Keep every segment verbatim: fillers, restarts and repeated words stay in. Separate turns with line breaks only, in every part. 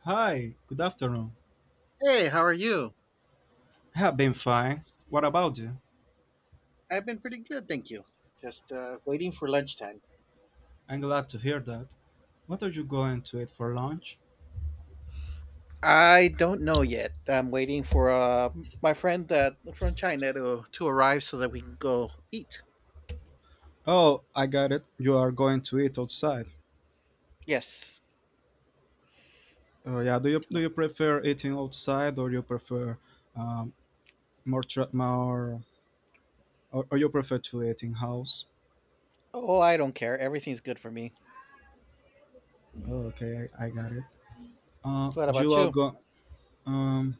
Hi, good afternoon.
Hey, how are you?
I have been fine. What about you?
I've been pretty good, thank you. Just uh, waiting for lunchtime.
I'm glad to hear that. What are you going to eat for lunch?
I don't know yet. I'm waiting for uh, my friend that from China to to arrive so that we can go eat.
Oh, I got it. You are going to eat outside.
Yes.
Oh yeah. Do you do you prefer eating outside or you prefer um, more tra- more or, or you prefer to eat in house?
Oh, I don't care. Everything's good for me.
Oh, okay, I, I got it. Uh,
What
you
about
all
you?
go. Um,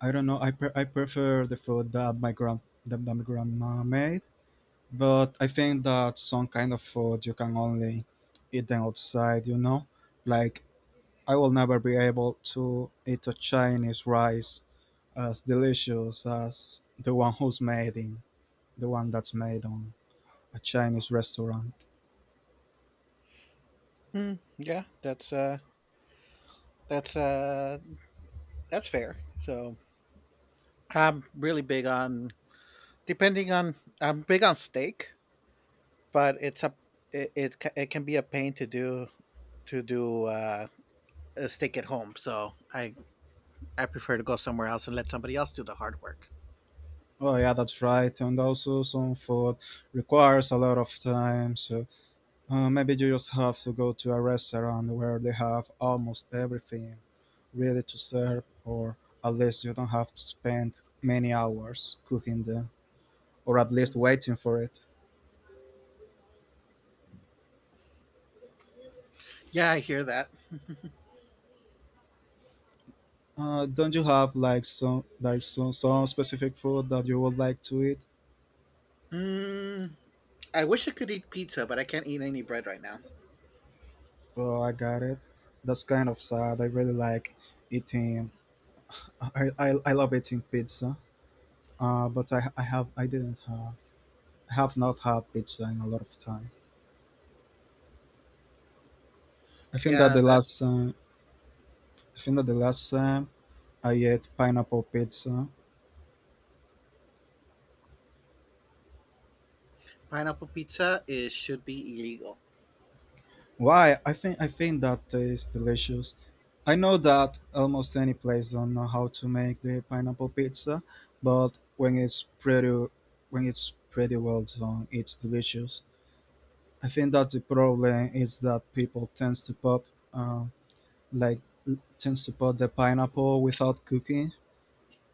I don't know. I pre- I prefer the food that my grand that, that my grandma made. But I think that some kind of food you can only eat them outside, you know? Like, I will never be able to eat a Chinese rice as delicious as the one who's made in, the one that's made on a Chinese restaurant.
Mm, yeah, that's uh, that's uh, that's fair. So I'm really big on depending on I'm big on steak, but it's a it, it's ca- it can be a pain to do to do uh, uh, stick at home. So I I prefer to go somewhere else and let somebody else do the hard work.
Oh, yeah, that's right. And also, some food requires a lot of time. So uh, maybe you just have to go to a restaurant where they have almost everything ready to serve, or at least you don't have to spend many hours cooking them, or at
Mm-hmm.
least waiting for it.
Yeah, I hear that.
Uh, don't you have like some like some some specific food that you would like to eat?
Mm, I wish I could eat pizza, but I can't eat any bread right now.
Oh, I got it. That's kind of sad. I really like eating. I I, I love eating pizza. Uh, but I I have I didn't have I have not had pizza in a lot of time. I think that
Yeah,
the
that
last uh, I think that the last time I ate pineapple pizza.
pineapple pizza is should be illegal.
Why? I think I think that tastes delicious. I know that almost any place don't know how to make the pineapple pizza, but when it's pretty when it's pretty well done, it's delicious. I think that the problem is that people tends to put uh, like tends to put the pineapple without cooking,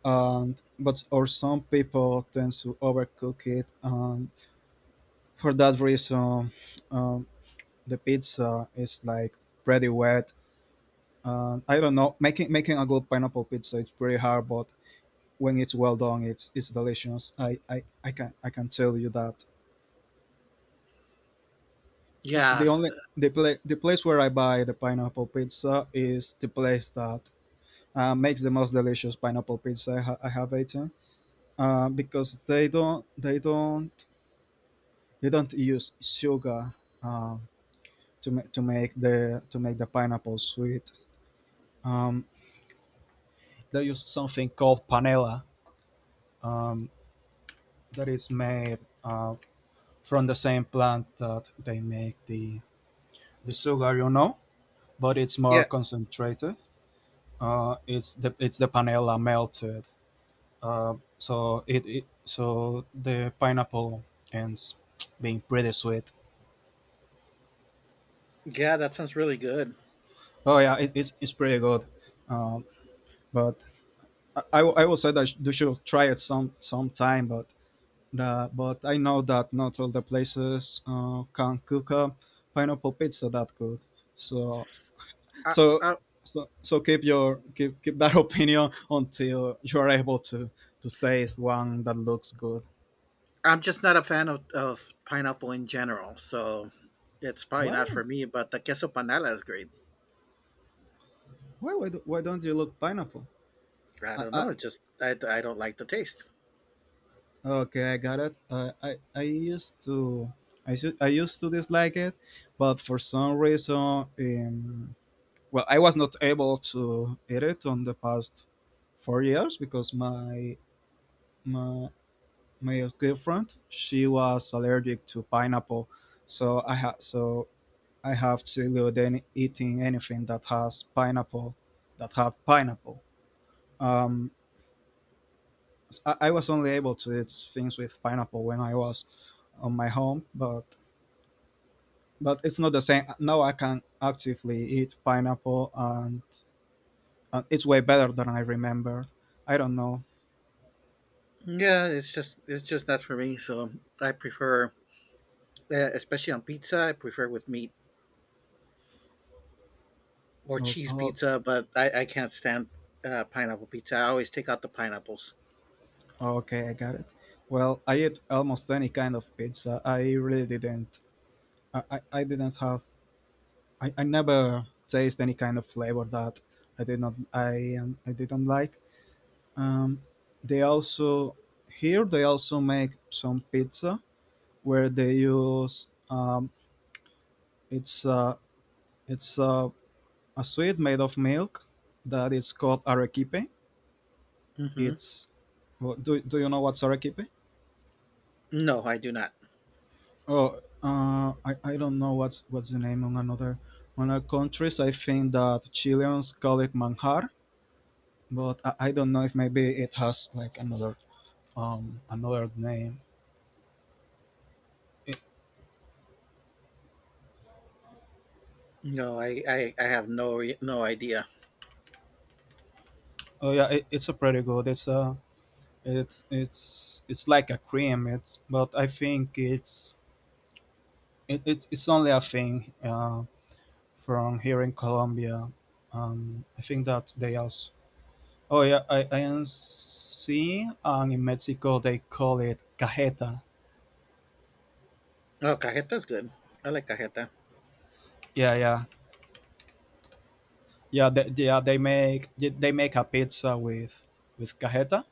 and but or some people tend to overcook it, and for that reason, um, the pizza is like pretty wet. Uh, I don't know. Making making a good pineapple pizza it's pretty hard, but when it's well done, it's it's delicious. I, I, I can I can tell you that.
Yeah,
The only the pla- the place where I buy the pineapple pizza is the place that uh, makes the most delicious pineapple pizza I, ha- I have eaten. Uh, because they don't they don't they don't use sugar, um, to ma- to make the to make the pineapple sweet. Um, they use something called panela, um, that is made uh, from the same plant that they make the the sugar, you know, but it's more
yeah,
concentrated. Uh, it's the it's the panela melted. Uh, so it, it so the pineapple ends being pretty sweet.
yeah. That sounds really good.
Oh yeah, it, it's it's pretty good. Um, but I, I will- I will say that you should try it some sometime. But the, but I know that not all the places uh, can cook a pineapple pizza that good. So
I,
so,
I
so, so keep your keep, keep that opinion until you are able to to say it's one that looks good.
I'm just not a fan of, of pineapple in general, so it's probably
Why?
not for me. But the queso panela is great.
Why? Why, do, why don't you look pineapple?
I
I,
don't
I,
know. It's just I, I don't like the taste.
okay, I got it. Uh, I I used to I should I used to dislike it, but for some reason, um, well, I was not able to eat it on the past four years because my my my girlfriend she was allergic to pineapple, so I had so I have to avoid any, eating anything that has pineapple, that have pineapple. Um, I, I was only able to eat things with pineapple when I was on my home, but but it's not the same. Now I can actively eat pineapple, and, and it's way better than I remembered. I don't know.
Yeah, it's just it's just not for me. So I prefer uh, especially on pizza. I prefer with meat or
Oh,
cheese
oh,
pizza, but I, I can't stand uh, pineapple pizza. I always take out the pineapples.
oh, okay, I got it. Well, I ate almost any kind of pizza. I really didn't. I, I, I didn't have I, I never taste any kind of flavor that I did not I um, I didn't like. Um, they also, here they also make some pizza where they use um, it's uh, it's uh, a sweet made of milk that is called arequipe.
Hmm.
It's, well, do, do you know what's arequipe?
No, I do not.
Oh, uh, I, I don't know what's what's the name on another on other countries. I think that Chileans call it manjar, but I, I don't know if maybe it has like another um another name.
No, I, I, I have no re- no idea.
Oh yeah, it, it's a pretty good. It's a it's it's it's like a cream. It's, but I think it's it, it's it's only a thing uh, from here in Colombia. Um, I think that they also. Oh yeah, I I am seeing and in Mexico they call it cajeta.
Oh, cajeta's good. I like cajeta.
Yeah, yeah, yeah. They, yeah, they make they make a pizza with with cajeta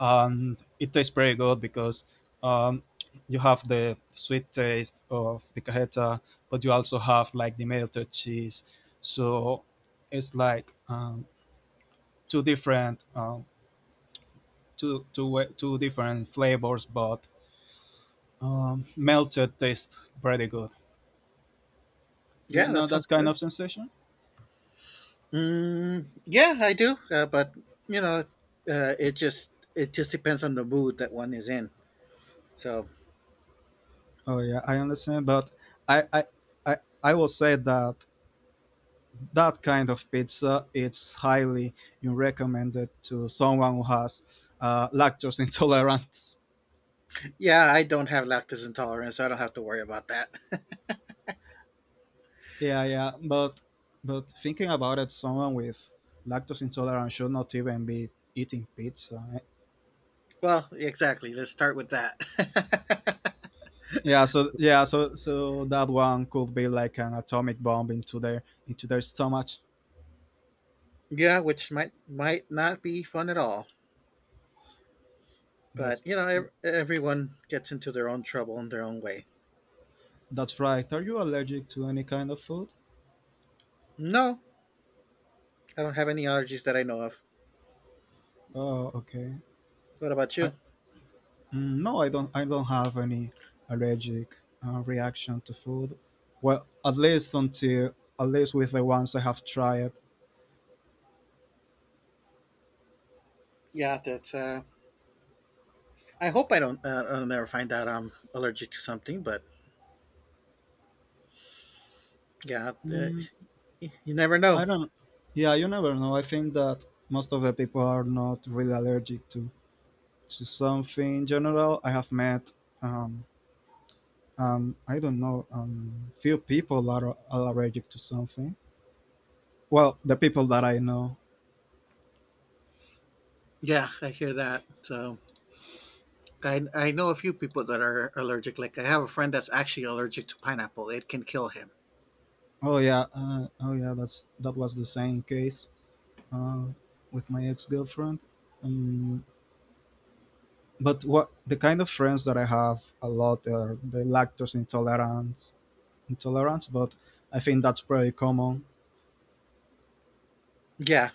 and it tastes very good because um, you have the sweet taste of the cajeta, but you also have like the melted cheese. So it's like um, two different um, two, two, wa- two different flavors, but um, melted tastes pretty good. Do you
Yeah,
know
that sounds
that kind
good.
of sensation?
Mm, yeah, I do. Uh, but you know, uh, it just it just depends on the mood that one is in. So
Oh yeah, I understand, but I I I, I will say that that kind of pizza, it's highly recommended to someone who has uh, lactose intolerance.
yeah, I don't have lactose intolerance, so I don't have to worry about that.
Yeah, yeah, but but thinking about it, someone with lactose intolerance should not even be eating pizza. Eh?
Well, exactly. Let's start with that.
Yeah, so yeah, so so that one could be like an atomic bomb into their into their stomach.
Yeah, which might might not be fun at all. But
That's
you know, ev- everyone gets into their own trouble in their own way.
that's right. Are you allergic to any kind of food?
No, I don't have any allergies that I know of.
Oh, okay.
What about you?
Mm, no, I don't. I don't have any allergic uh, reaction to food. Well, at least until at least with the ones I have tried.
Yeah, that's. Uh, I hope I don't. Uh, I'll never find out I'm allergic to something. But yeah, uh,
Mm,
y- you never
I
know.
don't. Yeah, you never know. I think that most of the people are not really allergic to to something in general. I have met. Um, um, I don't know. Um, few people that are, are allergic to something. Well, the people that I know.
Yeah, I hear that. So I I know a few people that are allergic. Like I have a friend that's actually allergic to pineapple. It can kill him.
Oh yeah. Uh, oh yeah. That's that was the same case, uh, with my ex-girlfriend. Um, but what the kind of friends that I have a lot are the lactose intolerant, intolerant. But I think that's pretty common.
Yeah,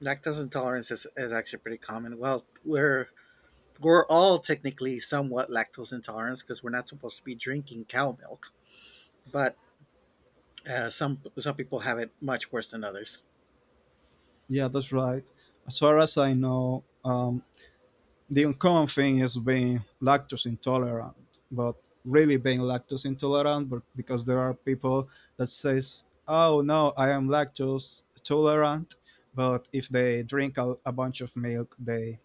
lactose intolerance is, is actually pretty common. Well, where we're all technically somewhat lactose intolerant because we're not supposed to be drinking cow milk, but uh, some some people have it much worse than others.
Yeah, that's right. As far as I know, um, the uncommon thing is being lactose intolerant, but really being lactose intolerant, but because there are people that says, "Oh no, I am lactose tolerant," but if they drink a, a bunch of milk, they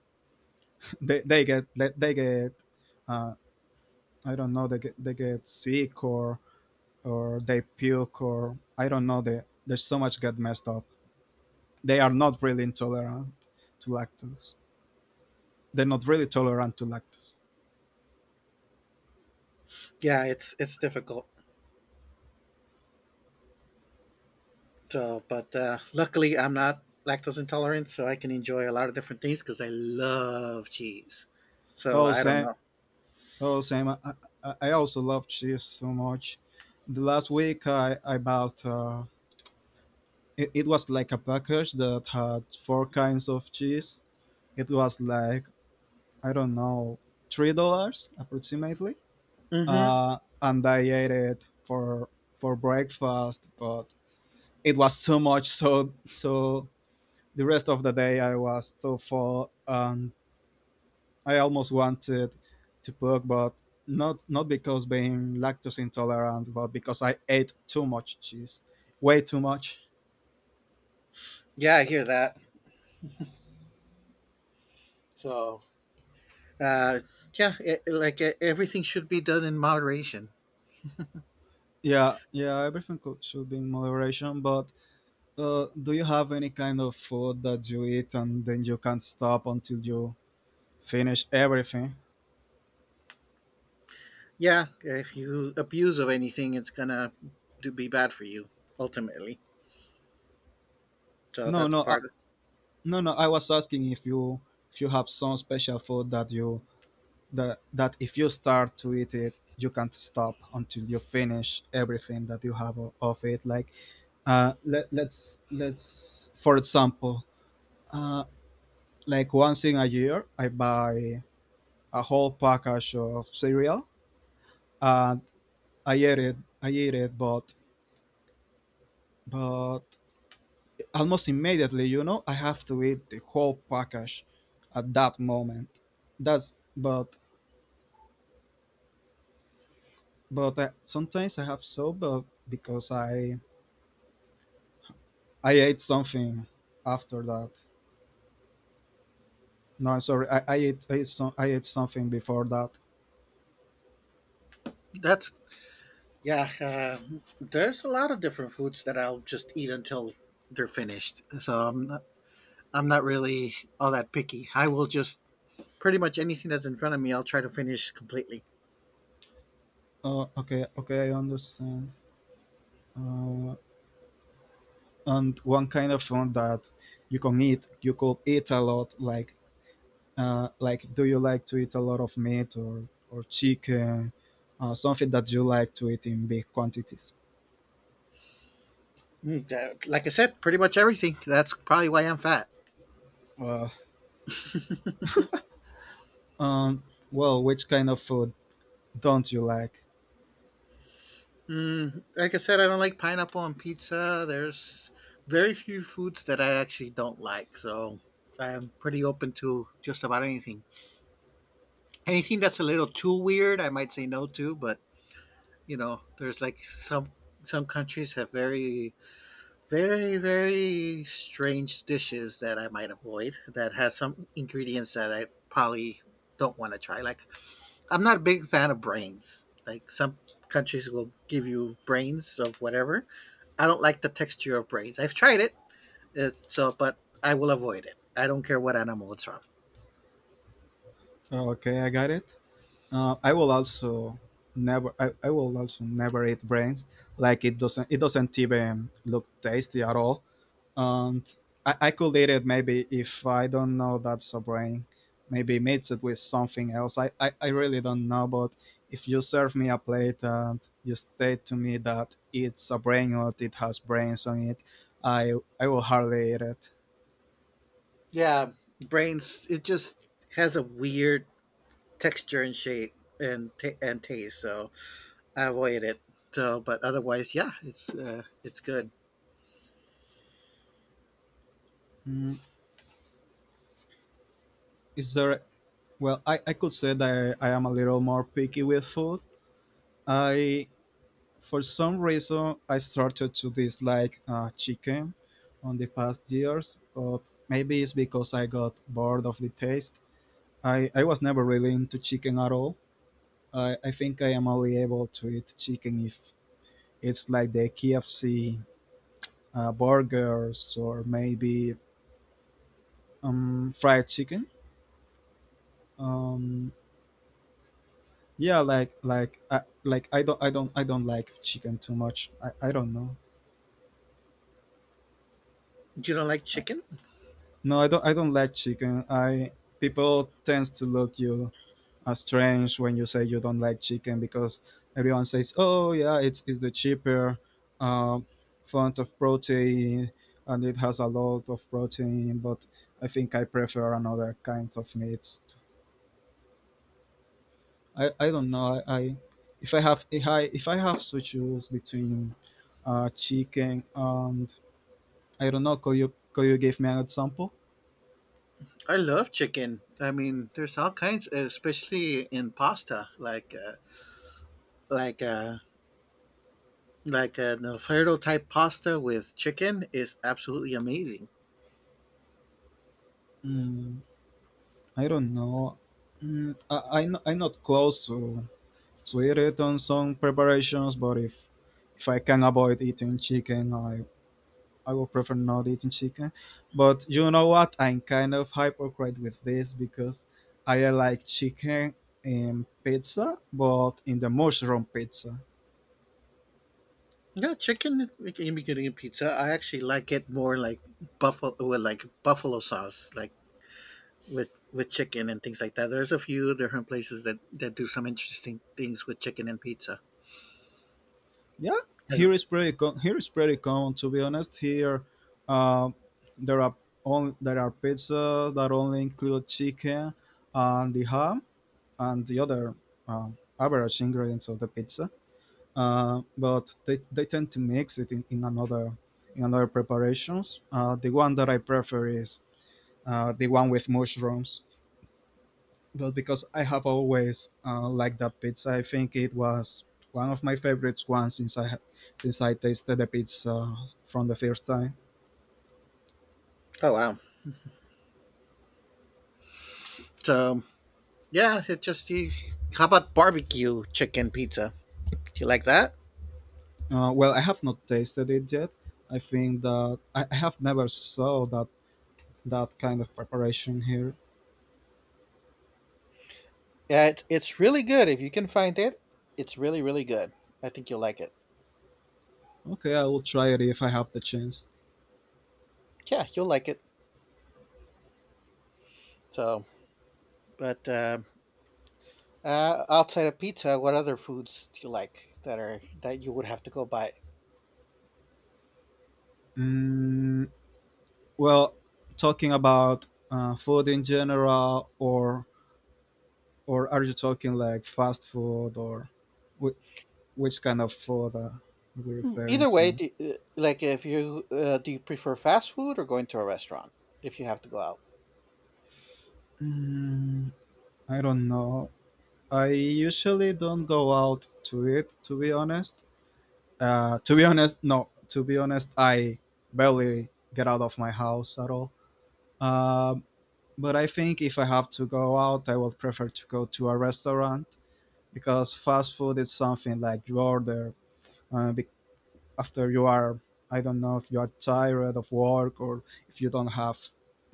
they, they get they, they get uh, I don't know they get, they get sick or or they puke or I don't know they there's so much get messed up. They are not really intolerant to lactose. They're not really tolerant to lactose.
Yeah, it's it's difficult. So, but uh, luckily, I'm not lactose intolerant, so I can enjoy a lot of different things because I love cheese. So
Oh
I don't
Sam,
know.
oh Sam, I, I, I also love cheese so much. The last week I I bought uh, it, it was like a package that had four kinds of cheese. It was like I don't know three dollars approximately,
Mm-hmm.
uh, and I ate it for for breakfast, but it was so much so so the rest of the day I was too full and I almost wanted to puke, but not not because being lactose intolerant, but because I ate too much cheese, way too much.
Yeah, I hear that. So uh, yeah, it, like uh, everything should be done in moderation.
Yeah, yeah, everything could, should be in moderation. But uh, do you have any kind of food that you eat and then you can't stop until you finish everything?
Yeah, if you abuse of anything, it's gonna do, be bad for you ultimately. So
No,
that's
no, I,
part of
No, no, I was asking if you if you have some special food that you that that if you start to eat it, you can't stop until you finish everything that you have o- of it. Like, uh, let, let's let's for example, uh, like once in a year, I buy a whole package of cereal and I eat it. I eat it, but but almost immediately, you know, I have to eat the whole package at that moment that's but but I, sometimes I have soap, but because I I ate something after that. No, I'm sorry. I, I ate I ate, some, I ate something before that.
that's yeah. Um, there's a lot of different foods that I'll just eat until they're finished. So I'm not, I'm not really all that picky. I will just pretty much anything that's in front of me, I'll try to finish completely.
Oh, okay, okay, I understand. Uh, and one kind of food that you can eat, you could eat a lot. Like, uh, like, do you like to eat a lot of meat or or chicken, uh, something that you like to eat in big quantities?
Mm, that- Like I said, pretty much everything. That's probably why I'm fat.
Uh, um, well, which kind of food don't you like?
Mm, like I said, I don't like pineapple on pizza. There's very few foods that I actually don't like. So I'm pretty open to just about anything. Anything that's a little too weird, I might say no to, but you know, there's like some some countries have very very very strange dishes that I might avoid that has some ingredients that I probably don't want to try. Like I'm not a big fan of brains. Like some countries will give you brains of whatever. I don't like the texture of brains. I've tried it, it's, so but I will avoid it. I don't care what animal it's from.
Uh, Okay, I got it. Uh, I will also never. I, I will also never eat brains. Like it doesn't. It doesn't even look tasty at all. And I, I could eat it maybe if I don't know that's a brain. Maybe mix it with something else. I, I, I really don't know. But if you serve me a plate and you state to me that it's a brain or it has brains on it, I I will hardly eat it.
Yeah, brains. It just has a weird texture and shape and ta and taste. So avoid it. So, but otherwise, yeah, it's uh, it's good.
Mm, is there? Well, I, I could say that I, I am a little more picky with food. I, for some reason, I started to dislike uh, chicken on the past years, but maybe it's because I got bored of the taste. I, I was never really into chicken at all. I, I think I am only able to eat chicken if it's like the K F C uh, burgers or maybe um, fried chicken. Um, yeah, like like I, like I don't I don't I don't like chicken too much. I, I don't know.
You don't like chicken?
No, I don't I don't like chicken. I people tends to look you as strange when you say you don't like chicken because everyone says, "Oh yeah, it's it's the cheaper uh, font of protein and it has a lot of protein." But I think I prefer another kinds of meats I, I don't know. I, I if I have if I if I have to choose between uh, chicken and I don't know. Could you could you give me an example?
I love chicken. I mean, there's all kinds, especially in pasta, like uh, like uh, like an Alfredo type pasta with chicken is absolutely amazing.
Mm, I don't know. Mm, I I'm not, I'm not close to to it on some preparations, but if if I can avoid eating chicken, I I would prefer not eating chicken. But you know what? I'm kind of hypocrite with this because I like chicken in pizza, but in the mushroom pizza.
Yeah, chicken it can be good in pizza. I actually like it more like buffalo with like buffalo sauce, like with with chicken and things like that. There's a few different places that that do some interesting things with chicken and pizza.
Yeah,
Does
here is pretty com- here is pretty common to be honest. Here, uh, there are on there are pizzas that only include chicken and the ham and the other uh, average ingredients of the pizza. Uh, but they, they tend to mix it in, in another in another preparations. Uh, the one that I prefer is uh, the one with mushrooms. But because I have always uh, liked that pizza, I think it was one of my favorites ones since I ha- since I tasted the pizza from the first time.
oh wow! So yeah, it just you, how about barbecue chicken pizza? Do you like that?
Uh, well, I have not tasted it yet. I think that I I have never saw that that kind of preparation here.
Yeah, it, it's really good if you can find it. It's really really good. I think you'll like it.
Okay, I will try it if I have the chance.
Yeah, you'll like it. So, but uh, uh, outside of pizza, what other foods do you like that are that you would have to go buy?
Mm, well, talking about uh, food in general, or or are you talking like fast food, or we, which kind of food uh, are we
Hmm,
referring
either way,
to?
do, uh, like if you uh, do you prefer fast food or going to a restaurant if you have to go out?
Mm, I don't know. I usually don't go out to eat, to be honest. Uh, to be honest, no. To be honest, I barely get out of my house at all. Um, but I think if I have to go out, I would prefer to go to a restaurant because fast food is something like you order uh, after you are I don't know if you are tired of work or if you don't have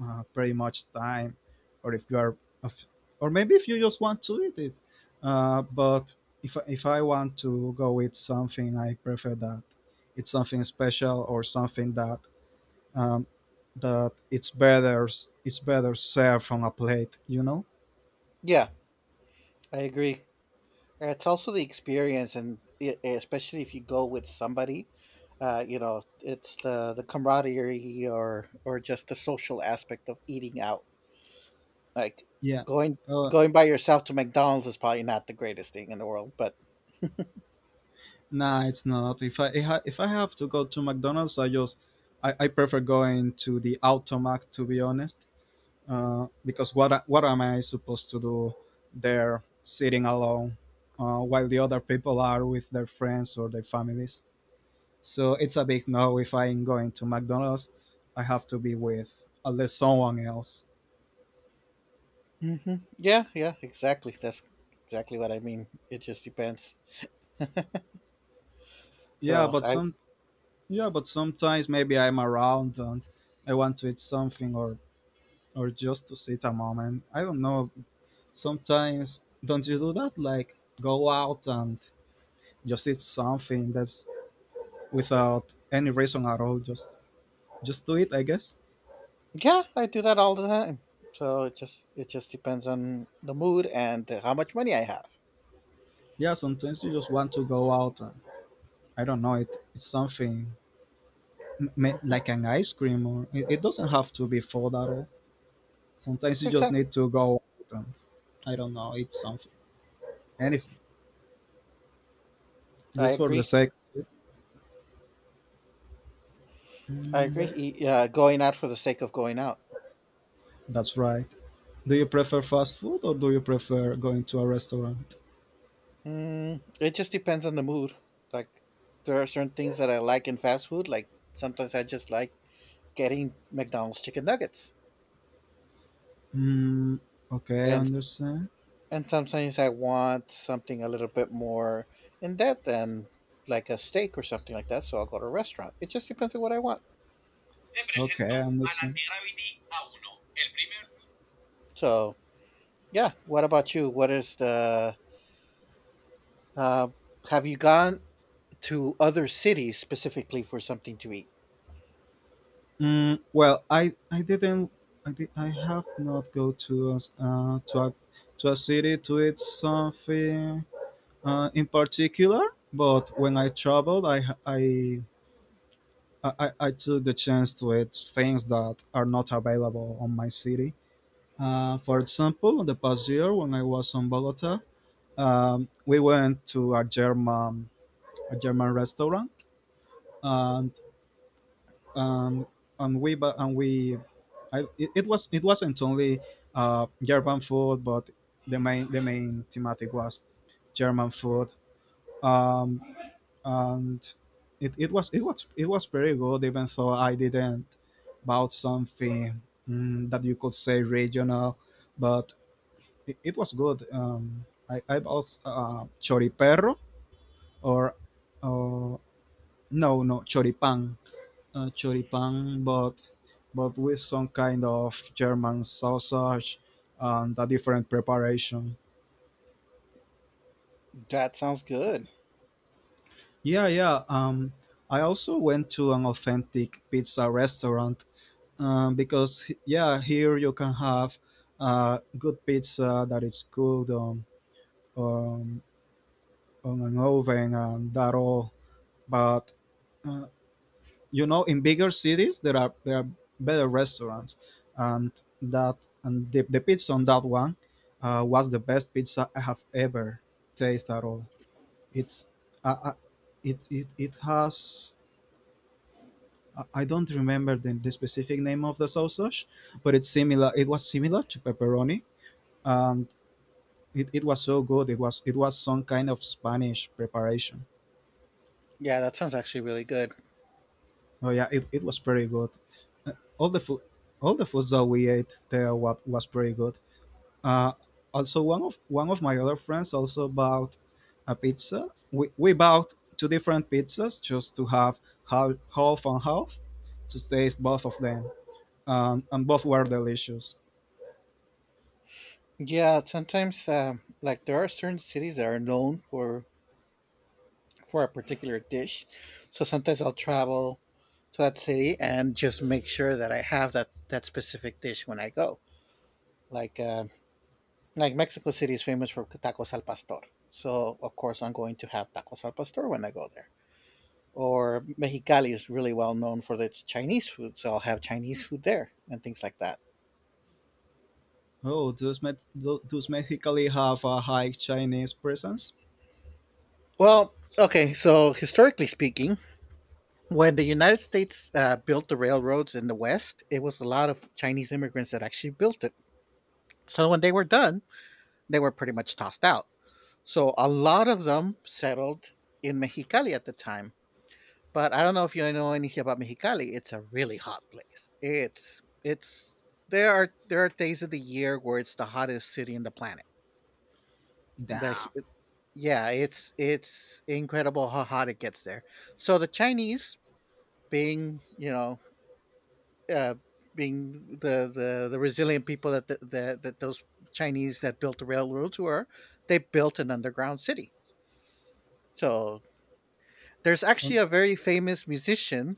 uh, pretty much time or if you are of- or maybe if you just want to eat it uh, but if, if I want to go eat something I prefer that it's something special or something that um, that it's better it's better served on a plate, you know?
Yeah, I agree. It's also the experience, and e- especially if you go with somebody, uh, you know, it's the the camaraderie or or just the social aspect of eating out. Like
Yeah,
going
uh,
going by yourself to McDonald's is probably not the greatest thing in the world, but
nah, it's not. If I if I if I have to go to McDonald's, I just I, I prefer going to the automac to be honest. Uh, because what a- what am I supposed to do there, sitting alone, uh, while the other people are with their friends or their families? So it's a big no. If I'm going to McDonald's, I have to be with at least someone else.
hmm yeah, yeah, exactly. That's exactly what I mean. It just depends.
Yeah,
So
but
I
some yeah, but sometimes maybe I'm around and I want to eat something or or just to sit a moment. I don't know, sometimes don't you do that, like go out and just eat something that's without any reason at all, just just do it, I guess.
yeah, I do that all the time. So it just it just depends on the mood and how much money I have.
Yeah, sometimes you just want to go out and I don't know, it it's something m- ma- like an ice cream or it, it doesn't have to be food at all. Sometimes you just
Exactly.
need to go out and I don't know, eat something, anything,
I
just for
agree
the sake of it.
I agree. E- Uh, going out for the sake of going out.
That's right. Do you prefer fast food or do you prefer going to a restaurant?
Mm, it just depends on the mood. Like, there are certain things that I like in fast food. Like, sometimes I just like getting McDonald's chicken nuggets,
Mm, okay, I
and
understand.
and sometimes I want something a little bit more in depth than like a steak or something like that. So I'll go to a restaurant. It just depends on what I want.
Okay, I understand.
So yeah, what about you? What is the uh, have you gone to other cities specifically for something to eat.
Mm, well, I I didn't I did, I have not go to a s- uh, to a to a city to eat something uh, in particular. But when I traveled, I ha- I. I, I I took the chance to eat things that are not available on my city. Uh, for example, in the past year when I was in Bogota, um, we went to a German a German restaurant, um, um, and we bu- and we I, it, it was it wasn't only uh, German food, but the main the main thematic was German food, um, and it, it was it was it was pretty good. Even though I didn't bought something, mm, that you could say regional, but it, it was good. Um, I, I bought uh, choriperro or uh, no no choripan uh, choripán, but but with some kind of German sausage and a different preparation.
That sounds good.
Yeah, yeah. Um, I also went to an authentic pizza restaurant um, because yeah, here you can have uh, good pizza that is cooked on um, on an oven and that all. But uh, you know, in bigger cities there are there are better restaurants and that and the, the pizza on that one uh, was the best pizza I have ever tasted at all. It's uh, uh, it, it it has I I don't remember the, the specific name of the sausage, but it's similar. It was similar to pepperoni, and it, it was so good. It was it was some kind of Spanish preparation.
Yeah, that sounds actually really good.
Oh yeah, it, it was pretty good. Uh, all the food all the foods that we ate there was, was pretty good. Uh, also, one of one of my other friends also bought a pizza. We, we bought two different pizzas just to have half, half and half to taste both of them, um, and both were delicious.
Yeah, sometimes um, like there are certain cities that are known for for a particular dish, so sometimes I'll travel to that city and just make sure that I have that that specific dish when I go. Like uh, like Mexico City is famous for tacos al pastor, so of course I'm going to have tacos al pastor when I go there. Or Mexicali is really well known for its Chinese food, so I'll have Chinese food there and things like that.
Oh, does, Met- do- does Mexico have a high Chinese presence?
Well, okay, so historically speaking, when the United States uh, built the railroads in the West, it was a lot of Chinese immigrants that actually built it. So when they were done, they were pretty much tossed out. So a lot of them settled in Mexicali at the time. But I don't know if you know anything about Mexicali. It's a really hot place. It's it's there are there are days of the year where it's the hottest city on the planet. The he-
Damn.
yeah, it's it's incredible how hot it gets there. So the Chinese being you know uh, being the, the the resilient people that the, the, that those Chinese that built the railroads were, they built an underground city. So there's actually
On-
a very famous musician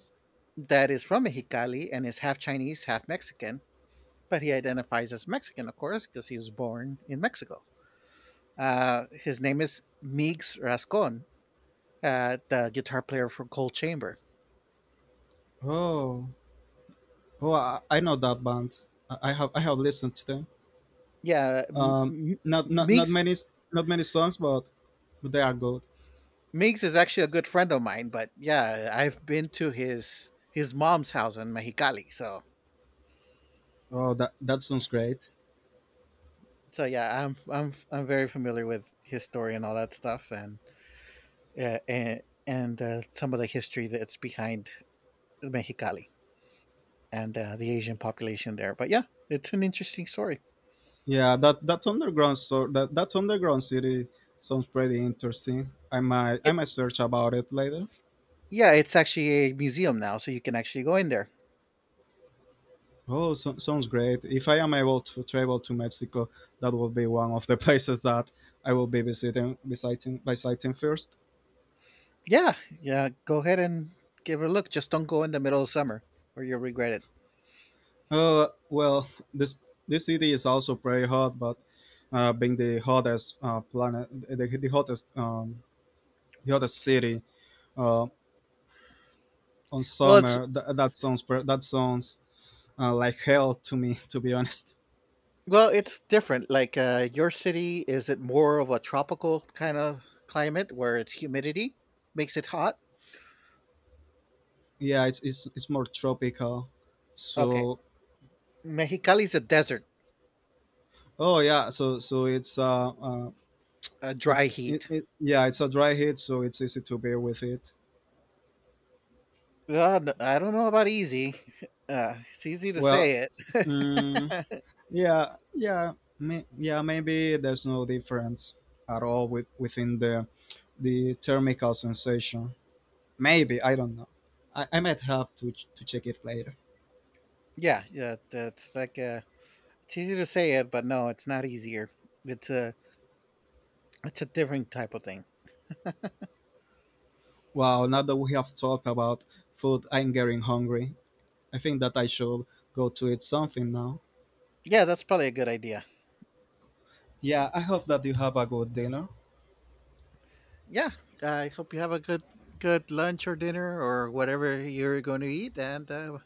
that is from Mexicali and is half Chinese, half Mexican, but he identifies as Mexican, of course, because he was born in Mexico. Uh, his name is Mix Rascon, uh, the guitar player for Cold Chamber.
Oh, oh, I, I know that band. I, I have I have listened to them.
Yeah, M-
Um,
M-
not not not
Mix
many not many songs, but but they are good.
Miggs is actually a good friend of mine, but yeah, I've been to his his mom's house in Mexicali, so
Oh, that that sounds great.
so yeah, I'm I'm I'm very familiar with his story and all that stuff, and uh, and and uh, some of the history that's behind Mexicali and uh, the Asian population there. But yeah, it's an interesting story.
Yeah, that that underground, so that that underground city sounds pretty interesting. I might I
It,
might search about it later.
yeah, it's actually a museum now, so you can actually go in there.
Oh, so, sounds great. If I am able to travel to Mexico, that will be one of the places that I will be visiting visiting visiting first.
Yeah, yeah, go ahead and give it a look. Just don't go in the middle of summer, or you'll regret it.
Uh, well, this this city is also pretty hot, but uh, being the hottest uh, planet, the, the hottest um, the hottest city uh, on
Well, it's
summer, th- that sounds pre- that sounds uh, like hell to me, to be honest.
Well, it's different. Like uh, your city, is it more of a tropical kind of climate where it's humidity makes it hot?
Yeah, it's it's, it's more tropical,
Okay,
so
Mexicali's a desert,
oh yeah, so so it's uh, uh
a dry
it's it,
heat.
it, yeah, it's a dry heat, so it's easy to bear with it.
Uh, n- I don't know about easy. Uh, it's easy to
Well,
say
mm,
it.
yeah, yeah, may, yeah, maybe there's no difference at all with, within the the thermical sensation, maybe, I don't know, i, I might have to ch- to check it later.
Yeah, yeah, that's like uh, it's easy to say it, but no, it's not easier. It's a it's a different type of thing.
Wow, now that we have talked about food, I'm getting hungry. I think that I should go to eat something now.
Yeah, that's probably a good idea.
Yeah, I hope that you have a good dinner.
Yeah, I hope you have a good good lunch or dinner or whatever you're going to eat, and uh,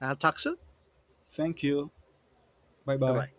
I'll talk soon.
Thank you. Bye
Bye
bye.
bye.